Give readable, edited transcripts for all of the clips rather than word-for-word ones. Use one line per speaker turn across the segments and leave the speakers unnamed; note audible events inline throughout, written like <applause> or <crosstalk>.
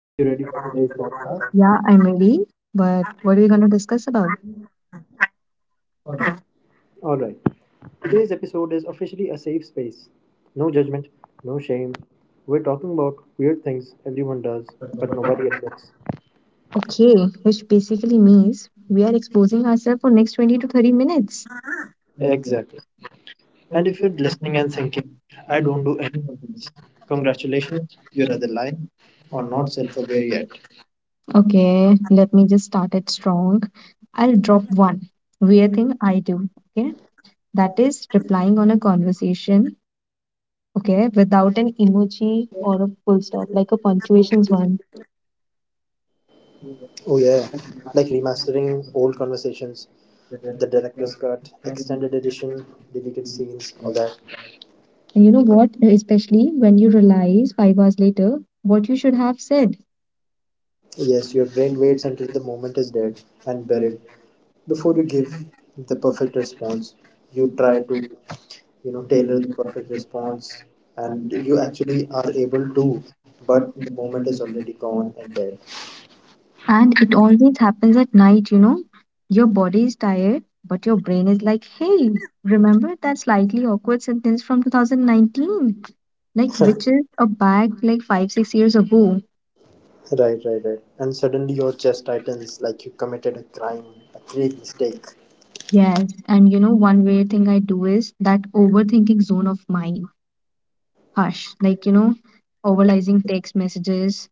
are you ready for today's podcast?
Yeah, I'm ready. But what are we going to discuss about?
Alright, today's episode is officially a safe space. No judgment, no shame. We're talking about weird things everyone does, but nobody admits.
Okay, which basically means we are exposing ourselves for next 20 to 30 minutes.
Exactly. And if you're listening and thinking, I don't do any of this, congratulations, you're either lying or not self aware yet.
Okay, let me just start it strong. I'll drop one weird thing I do. Okay, that is replying on a conversation. Okay, without an emoji or a full stop, like a punctuations one.
Oh, yeah, like remastering old conversations the director's cut, extended edition, deleted scenes, all that.
And you know what? Especially when you realize 5 hours later what you should have said.
Yes, your brain waits until the moment is dead and buried before you give the perfect response. You try to tailor the perfect response, and you actually are able to, but the moment is already gone and dead.
And it always happens at night, you know. Your body is tired, but your brain is like, hey, remember that slightly awkward sentence from 2019? Like, which is a bag like five, 6 years ago.
Right, right, right. And suddenly your chest tightens like you committed a crime, a grave mistake.
Yes. And you know, one weird thing I do is that overthinking zone of mine. Hush. Like, you know, overalizing text messages.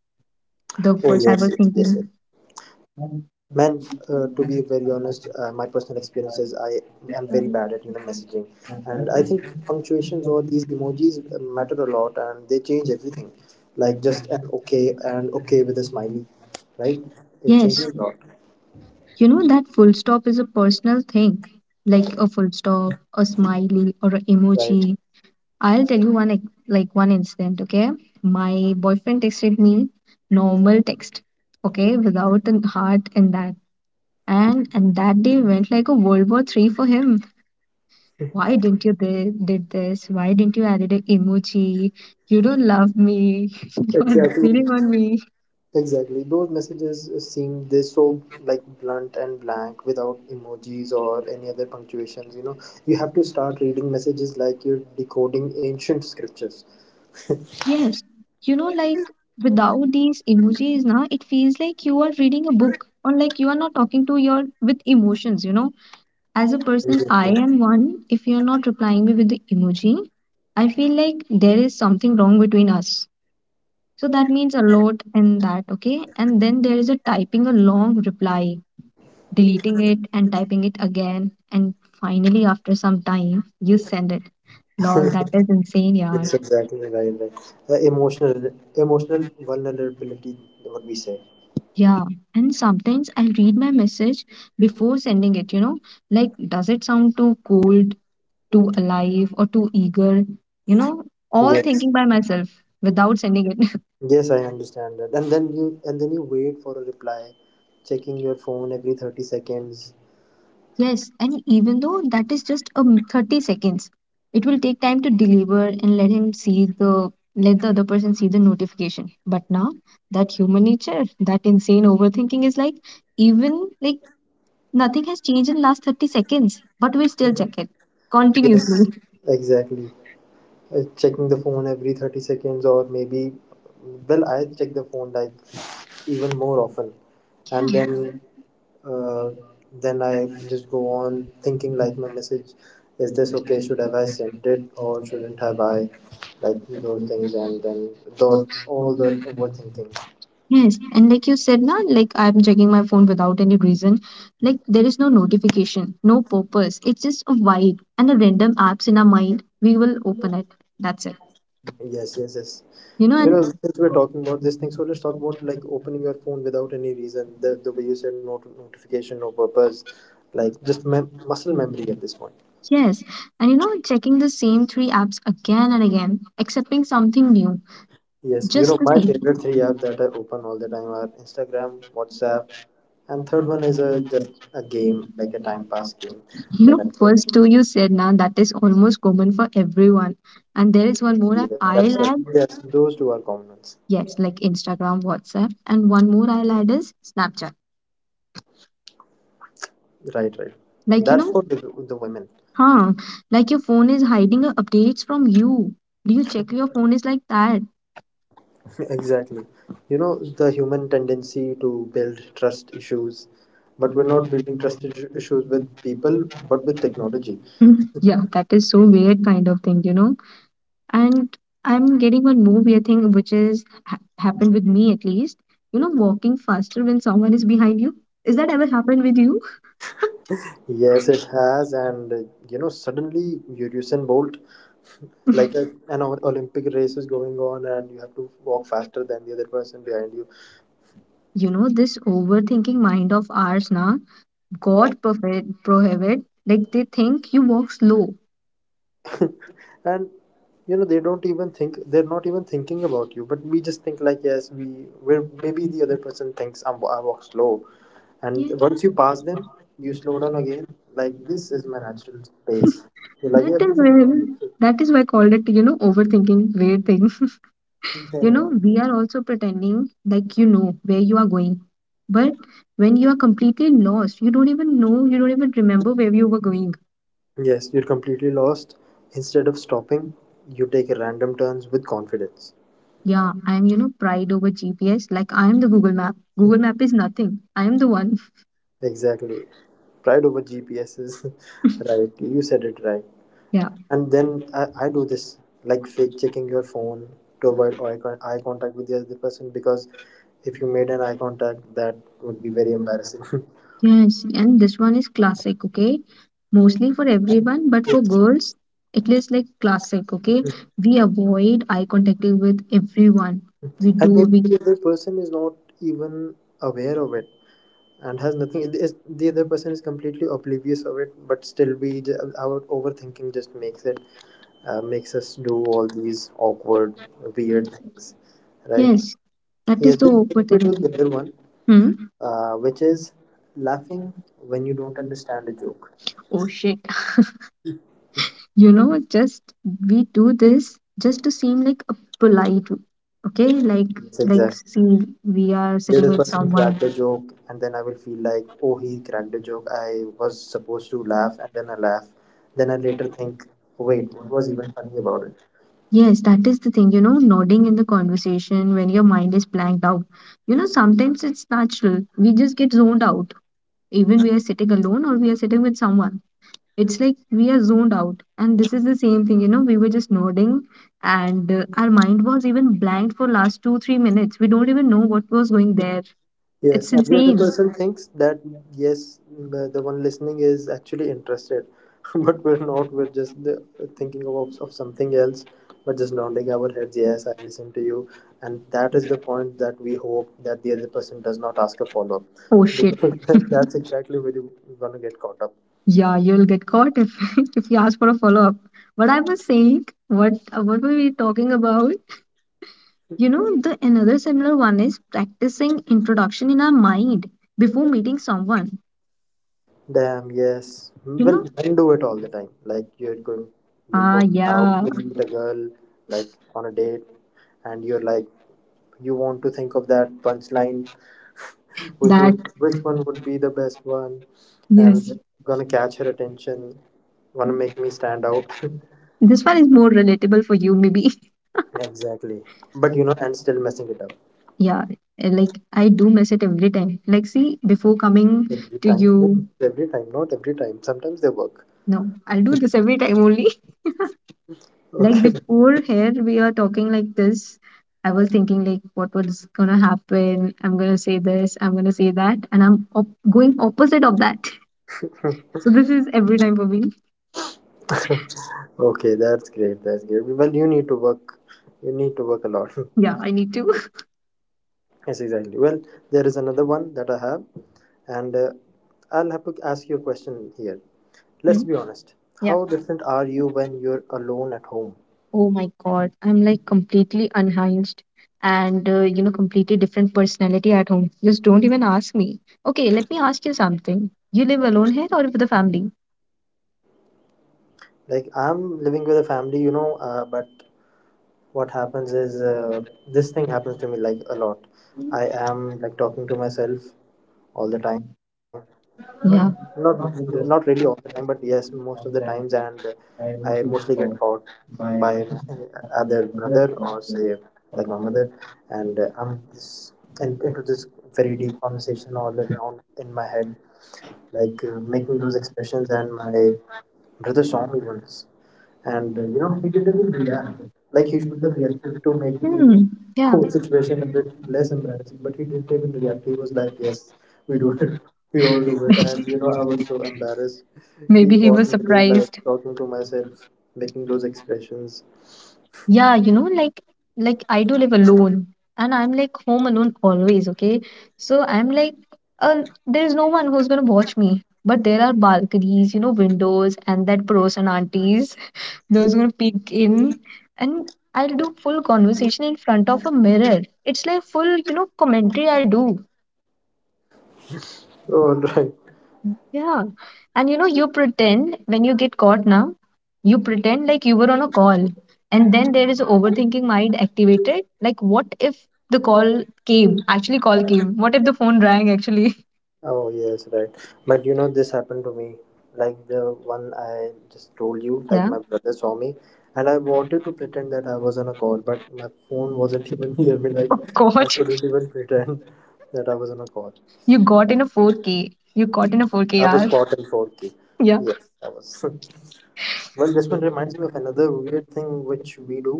The
Oh
first I
yes,
was
yes, yes, yes.
thinking,
Man, to be very honest, my personal experience is I am very bad at messaging, and I think punctuations or these emojis matter a lot, and they change everything. Like just an okay and okay with a smiley, right? It
yes,
changes a lot,
you know, that full stop is a personal thing, like a full stop, a smiley, or an
right?
emoji. I'll tell you one like one incident, okay? My boyfriend texted me normal text, okay, without a heart in that. And that day went like a World War III for him. Why didn't you did this? Why didn't you added an emoji? You don't love me. <laughs> You are
Exactly,
cheating on me.
exactly. Those messages seem they so like blunt and blank without emojis or any other punctuations. You have to start reading messages like you're decoding ancient scriptures.
Yes, you know, like without these emojis, now it feels like you are reading a book or like you are not talking to your with emotions, you know. As a person, I am one. If you're not replying me with the emoji, I feel like there is something wrong between us. So that means a lot in that, okay? And then there is a typing a long reply, deleting it and typing it again. And finally, after some time, you send it. Lol, that is insane, yeah.
Yes, exactly right. Right. Uh, emotional, emotional vulnerability. What we say.
Yeah, and sometimes I'll read my message before sending it, you know, like does it sound too cold, too alive, or too eager, you know, all
Yes.
thinking by myself without sending it. <laughs>
Yes, I understand that. And then you wait for a reply, checking your phone every 30 seconds.
Yes, and even though that is just 30 seconds, it will take time to deliver and let him see the let the other person see the notification. But now that human nature, that insane overthinking is like, even like, nothing has changed in last 30 seconds, but we still check it continuously.
Yes, exactly. Checking the phone every 30 seconds, or maybe, well, I check the phone like even more often, and
Yeah.
uh, then I just go on thinking like my message is this okay? Should have I sent it or shouldn't have I? Like those things, and then thought all the overthinking.
Yes, and like you said, na, like I'm checking my phone without any reason. Like there is no notification, no purpose. It's just a vibe and the random apps in our mind. We will open it. That's it.
Yes, yes, yes.
You know, and
Since we're talking about this thing, so let's talk about like opening your phone without any reason. The way you said no notification, no purpose, like just muscle memory at this point.
yes, and you know, checking the same three apps again and again, accepting something new,
Yes,
just the
my
same.
favorite three apps that I open all the time are Instagram, WhatsApp, and third one is a just a game, like a time pass game
You
that I
know,
play.
first two you said now that is almost common for everyone. And there is one more
Yes,
app
that's
I'll
what,
add.
yes, those two are common ones.
Yes, like Instagram, WhatsApp, and one more I'll add is Snapchat.
Right, right.
Like you
That's for
know,
the women. <laughs>
huh? Like your phone is hiding updates from you. Do you check your phone is like that?
Exactly. The human tendency to build trust issues, but we're not building trust issues with people, but with technology.
<laughs> Yeah, that is so weird kind of thing, you know. And I'm getting one more weird thing which is happened with me at least. You know, walking faster when someone is behind you. Is that ever happened with you?
Yes, it has, and suddenly Usain Bolt like an olympic race is going on, and you have to walk faster than the other person behind you.
You know this overthinking mind of ours now, god prohibit, like they think you walk slow.
And they don't even think, they're not even thinking about you, but we just think like, yes, we're, maybe the other person thinks I walk slow. And
Yes,
once you pass them, you slow down again, like this is my natural pace. You're like
that is
everything.
where, that is why I called it, you know, overthinking weird thing. <laughs> You know,
Yeah.
we are also pretending like you know where you are going, but when you are completely lost, you don't even know, you don't even remember where you were going.
Yes, you're completely lost. Instead of stopping, you take random turns with confidence.
Yeah, I am, you know, pride over GPS. Like I am the Google Map. Google Map is nothing, I am the one.
Exactly. Pride over GPS is <laughs> right. You said it right.
<laughs> Yeah.
And then I do this like fake checking your phone to avoid eye contact with the other person, because if you made an eye contact, that would be very embarrassing. <laughs>
Yes, and this one is classic, okay?
And
Mostly for everyone, but for girls, it is like classic, okay? We avoid eye contact with everyone. We
maybe
do, we,
the other person is not even aware of it and has nothing. The other person is completely oblivious of it, but still, our overthinking just makes it makes us do all these awkward, weird things, right?
yes, that is
Yes,
the
this
awkward
takes me to the other
thing.
one,
Hmm?
which is laughing when you don't understand a joke.
Oh shit. You know, just we do this just to seem like a
Yes,
polite, okay? Like, see,
exactly.
we are
The
sitting
other
with
person
someone.
cracked a joke, and then I will feel like, oh, he cracked a joke. I was supposed to laugh, and then I laugh. Then I later think, wait, what was even funny about it?
Yes, that is the thing, you know, nodding in the conversation when your mind is blanked out. You know, sometimes it's natural. We just get zoned out. Even we are sitting alone or we are sitting with someone. It's like we are zoned out. And this is the same thing, you know, we were just nodding and our mind was even blanked for last two, 3 minutes. We don't even know what was going there. It's
Yes, every other
insane.
person thinks that, yes, the one listening is actually interested, <laughs> but we're not. We're just thinking of something else. We're just nodding our heads. Yes, I listen to you, and that is the point that we hope that the other person does not ask a follow up.
Oh, shit.
Because <laughs>
<laughs>
that's exactly where you gonna get caught up.
Yeah, you'll get caught if <laughs> if you ask for a follow-up. What I was saying, what were we talking about? You know, the another similar one is practicing introduction in our mind before meeting someone.
Damn, yes.
You
Well,
know?
men do it all the time. Like you're going, you're
Ah,
going out
yeah.
with a girl, like on a date, and you're like, you want to think of that punchline
That,
which one would be the best one, and
yes.
gonna catch her attention, gonna make me stand out.
This one is more relatable for you, maybe. <laughs>
<laughs> Exactly. But you know, and still messing it up
Yeah. Like, I do miss it every time. Like, see, before coming
every
to
time,
you,
every time. Not every time, sometimes they work.
no, I'll do this every time only. <laughs> Like,
Okay.
before here, we are talking like this. I was thinking, like, what was gonna happen? I'm gonna say this, I'm gonna say that, and I'm going opposite of that. So this is every time for me.
<laughs> Okay, that's great, that's great. Well, you need to work, you need to work a lot. <laughs>
Yeah, I need to. <laughs>
Yes, exactly. Well, there is another one that I have, and I'll have to ask you a question here. Let's be
Mhm.
honest.
Yeah.
How different are you when you're alone at home?
Oh my God. I'm like completely unhinged and, you know, completely different personality at home. Just don't even ask me. Okay, let me ask you something. You live alone here or with the family?
Like, I'm living with a family, but what happens is this thing happens to me like a lot. I am like talking to myself all the time. Not
Yeah.
not really all the time, but yes, most of the times, and I mostly get caught by my <laughs> other brother or say like my mother, and I'm this and into this very deep conversation all around in my head, like making those expressions, and my brother saw me once, and he didn't even react like he should have reacted to make the
Hmm. Yeah.
whole situation a bit less embarrassing. But he didn't even react. He was like, yes, we do it. <laughs> We all do it. And I was so embarrassed. He
Maybe he
caught
was
me like
surprised.
talking to myself, making those expressions. <laughs>
Yeah, you know, like I do live alone and I'm like home alone always, okay? So I'm like, there is no one who's gonna watch me. But there are balconies, you know, windows and that pros and aunties, <laughs> those gonna peek in, and I'll do full conversation in front of a mirror. It's like full, you know, commentary I'll do. Yeah. And you know, you pretend when you get caught now, you pretend like you were on a call. And then there is overthinking mind activated. Like, what if the call came? Actually, call
all right
came. What if the phone rang actually? <laughs>
Oh yes, right. But this happened to me. Like the one I just told you, like
Yeah.
my brother saw me, and I wanted to pretend that I was on a call, but my phone wasn't <laughs> even near me. Like I
Caught.
couldn't even pretend that I was on a call.
You got in a 4K. You caught in a
I
4KR.
was caught in 4K.
<laughs> Yeah.
Yes, I was. <laughs> Well, this one reminds me of another weird thing which we do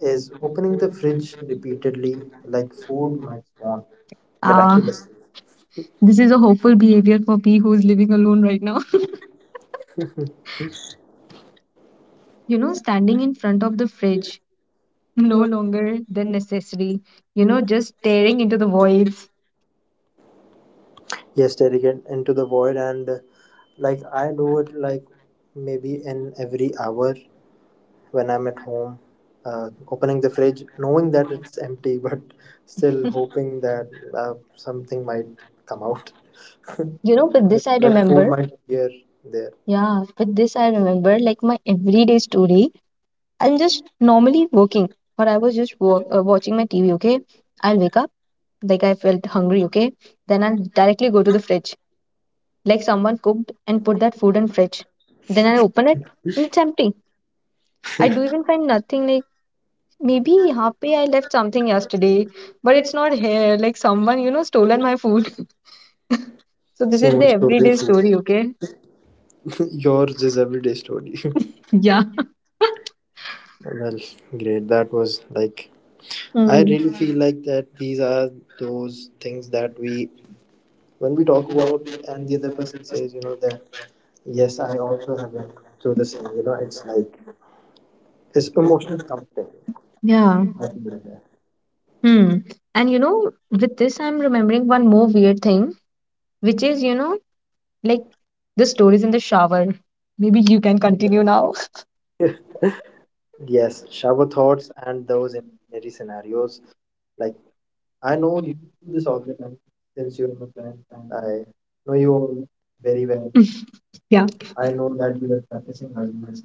is opening the fridge repeatedly, like food might spawn
Uh, this is a hopeful behavior for me who's living alone right now. <laughs> You know, standing in front of the fridge no
miraculously.
longer than necessary, you know, just staring into the voids.
Yes, staring it into the void, and like I do it like maybe in every hour when I'm at home, opening the fridge, knowing that it's empty, <laughs> but still hoping that something might come out,
You know, with
that
this I
that food
remember,
might appear there.
yeah, with this I remember like my everyday story. I'm just normally working or I was just watching my TV, okay? I'll wake up, like I felt hungry, okay? Then I'll directly go to the fridge. Like someone cooked and put that food in fridge. Then I open it and it's empty. I do even find nothing, like maybe happy I left something yesterday, but it's not here. Like someone, you know, stolen my food. <laughs> So this is the
Someone's story of
everyday story,
food.
okay?
<laughs> Yours is everyday story. <laughs>
Yeah.
Well, great. That was like, I
Hmm.
really feel like that these are those things that we, when we talk about, and the other person says, that yes, I also have been through the same, it's like, it's emotional comforting. <laughs>
Yeah. Hmm. And you know, with this, I'm remembering one more weird thing, which is, you know, like the stories in the shower. Maybe you can continue now. <laughs>
Yes, shower thoughts and those imaginary scenarios. Like, I know you do this all since you, I know you very
Yeah.
well. I know that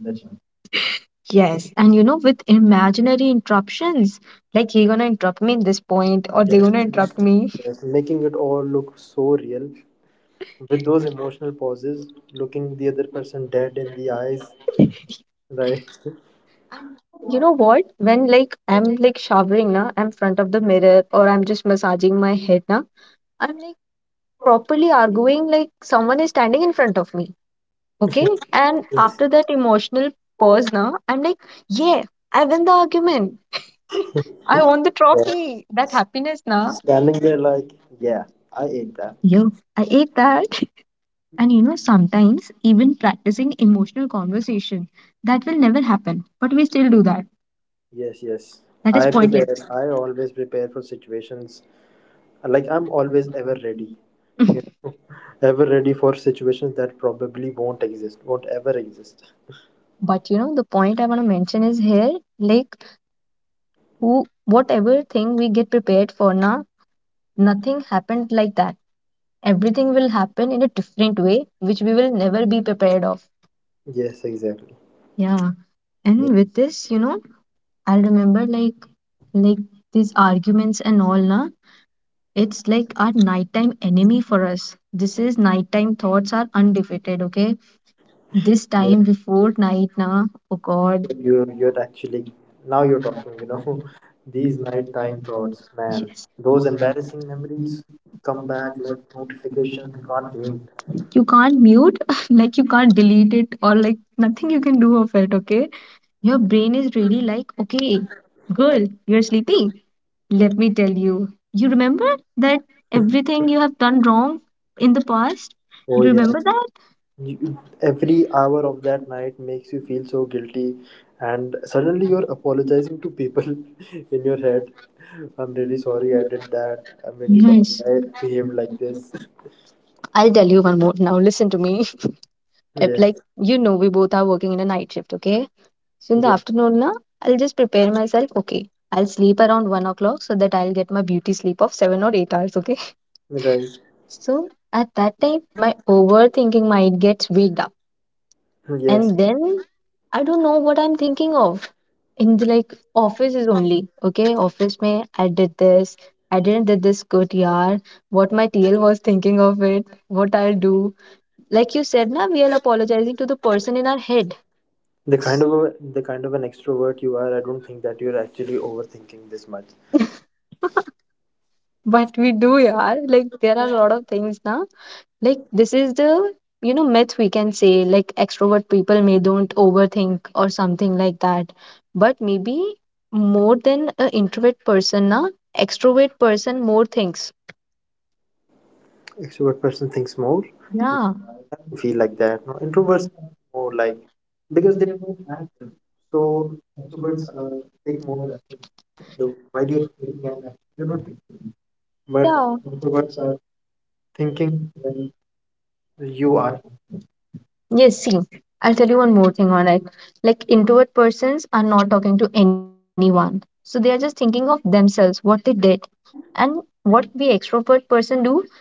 you.
Yes, and you know, with imaginary interruptions, like he gonna interrupt me in this point, or they
Yes,
gonna interrupt me.
yes, making it all look so real with those emotional pauses, looking the other person dead in the eyes, right?
And you know what? When like I'm like showering now, I'm front of the mirror, or I'm just massaging my head now, I'm like properly arguing like someone is standing in front of me. Okay. And
Yes.
after that emotional pause now, I'm like, yeah, I win the argument. I won the
Yeah.
trophy. That happiness now.
Standing there like, yeah, I ate that.
Yeah, I ate that. And you know, sometimes even practicing emotional conversation, that will never happen. But we still do that.
Yes, yes.
That is
I prepare.
pointless.
I always prepare for situations. Like I'm always ever ready. You Ever ready for situations that probably won't exist, won't ever exist.
But you know, the point I want to mention is here, like who whatever thing we get prepared for now, nothing happened like that. Everything will happen in a different way, which we will never be prepared of.
Yes, exactly.
Yeah.
Yeah.
And with this, you know, I remember like
Yeah,
like these arguments and all na, it's like our nighttime enemy for us. This is nighttime thoughts are undefeated, okay? This time before night na, oh god.
you're actually now you're talking, <laughs> these nighttime thoughts, man.
Yes.
Those embarrassing memories come back like notifications you can't mute.
You can't mute. <laughs> Like you can't delete it or like nothing you can do of it, okay? Your brain is really like, okay, girl, you're sleeping, let me tell you, you remember that everything you have done wrong in the past, you
Oh yes.
remember that.
You, every hour of that night makes you feel so guilty, and suddenly you're apologizing to people <laughs> in your head. I'm really sorry I did that. I'm really sorry
Yes,
I behaved like this. <laughs>
I'll tell you one more now. Listen to me. <laughs> If, like,
Yes.
you know, we both are working in a night shift, okay? So in the
Yeah.
afternoon, na, I'll just prepare myself, okay? I'll sleep around 1 o'clock so that I'll get my beauty sleep of 7 or 8 hours, okay?
Right.
So at that time, my overthinking mind gets waked up,
Yes.
and then I don't know what I'm thinking of in the like offices only. Okay, office may I did this, I didn't did this good yaar. What my TL was thinking of it, what I'll do. Like you said, na we are apologizing to the person in our head,
The kind of an extrovert you are, I don't think that you're actually overthinking this much.
but we do yaar. Like there are a lot of things na. Like this is the myth we can say, like extrovert people may don't overthink or something like that. But maybe more than an introvert person, na extrovert person more thinks.
Extrovert person thinks more. I
Yeah.
don't feel like that. No, introverts are more like because they so introverts take more the while you're not, but
Yeah.
introverts thinking you are
Yes, see, I'll tell you one more thing on it. Like introvert persons are not talking to anyone, so they are just thinking of themselves, what they did. And what we extrovert person do,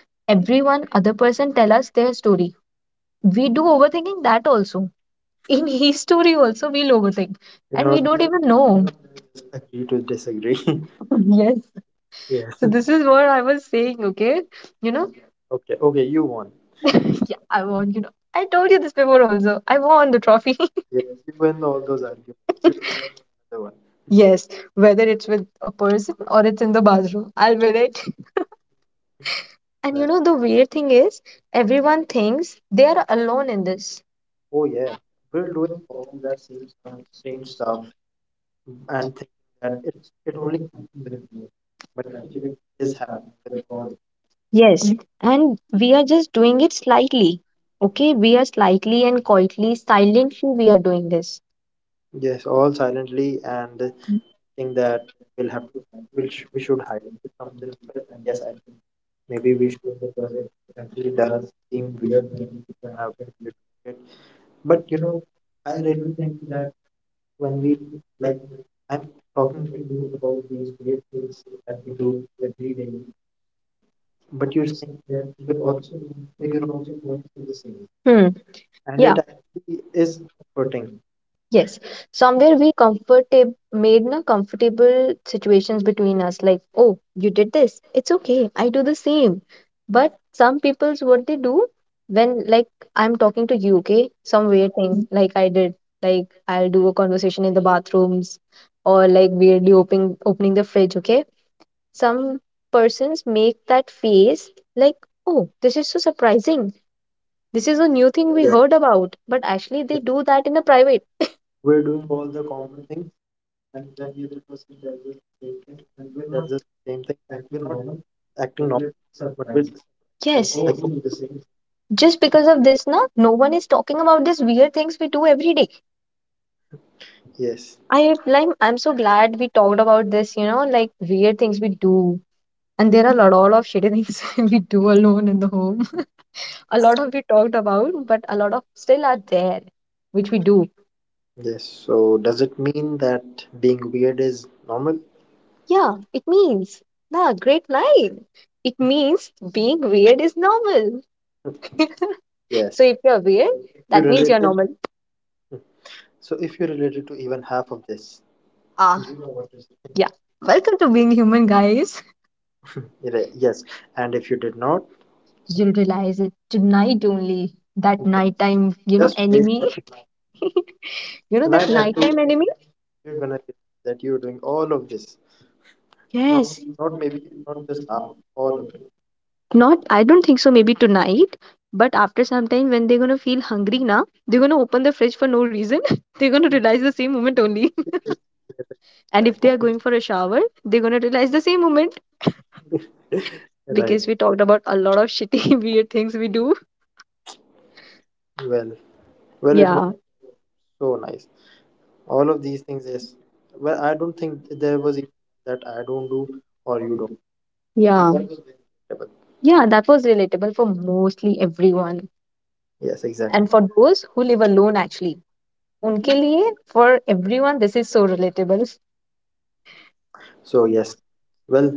every one other person tell us their story. We do overthinking that also, in <laughs> history also we'll overthink,
you
and
know
we don't even know.
just agree to disagree. <laughs>
<laughs> Yes,
Yeah.
so this is what I was saying. Okay, you know
Okay. Okay. You won.
yeah, I want, I told you this before also, I won the trophy. <laughs>
Yes. You win all those arguments. You won the
Yes, whether it's with a person or it's in the bathroom, I'll win it. <laughs> And
one.
you know the weird thing is, everyone thinks they are alone in this.
Oh yeah, we're doing all that strange stuff and thinking that it only happens with me, but actually it is happening with all. Yes.
Yes, and we are just doing it slightly. Okay, we are slightly and quietly, silently we are doing this.
Yes, all silently and think that we'll have to, we should hide from the people. Yes, maybe we should actually does seem weird now that we're doing it. But you know, I read when we like I'm talking to you that we do, but you're saying you're also you're, wrong,
Hmm.
and
Yeah.
it actually is comforting.
Yes. Somewhere we comfortable made na comfortable situations between us. Like, oh, you did this, it's okay, I do the same. But some people's what they do, when like I'm talking to you, okay? Some weird thing like I did. Like I'll do a conversation in the bathrooms or like weirdly opening the fridge, okay? Some persons make that face like, oh, this is so surprising, this
Is
is
it?
a new thing we
Yeah.
heard about. But actually they do that in a private.
We're doing all the common things, and when the other person tells us the same thing, we're not acting normal, but we're like,
Yes,
oh,
just because of this, na, no one is talking about these weird things we do every day.
yes,
I like, I'm so glad we talked about this, you know, like weird things we do. And there are a lot, all of shitty things <laughs> we do alone in the home. <laughs> A lot of we talked about, but a lot of still are there, which we do.
yes. So does it mean that being weird is normal?
Yeah, it means, nah, great line. It means being weird is normal. <laughs>
Yes.
So if you're weird,
You
that means you're
related.
normal.
So if you related to even half of this,
Ah, yeah. Welcome to being human, guys.
yes. And if you did not,
You'll realize it tonight only. That nighttime, you know,
just wait
enemy.
for
<laughs> You know that
tonight at two.
nighttime enemy?
You're gonna realize that you're doing all of this. Not,
Yes.
not maybe, not just half, all of.
Not, I don't think so, maybe tonight. But after some time, when they're gonna feel hungry now, they're gonna open the fridge for no reason. <laughs> They're gonna realize the same moment only. <laughs> And if
It.
they are going for a shower, they're gonna realize the same moment,
Right.
because we talked about a lot of shitty, <laughs> weird things we do.
Well, well, it was
Yeah,
so nice. All of these things, yes. Well, I don't think there was even that I don't do or you don't. Yeah.
yeah.
Double.
Yeah, that was relatable for mostly everyone.
Yes,
And
exactly.
for those who live alone, actually. उनके लिए for everyone this is so relatable.
So yes, well,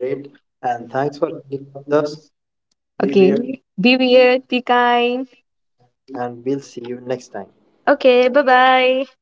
great, and thanks for hanging out with us. Be
Okay,
weird,
be weird, be kind.
and we'll see you next time.
Okay, bye bye.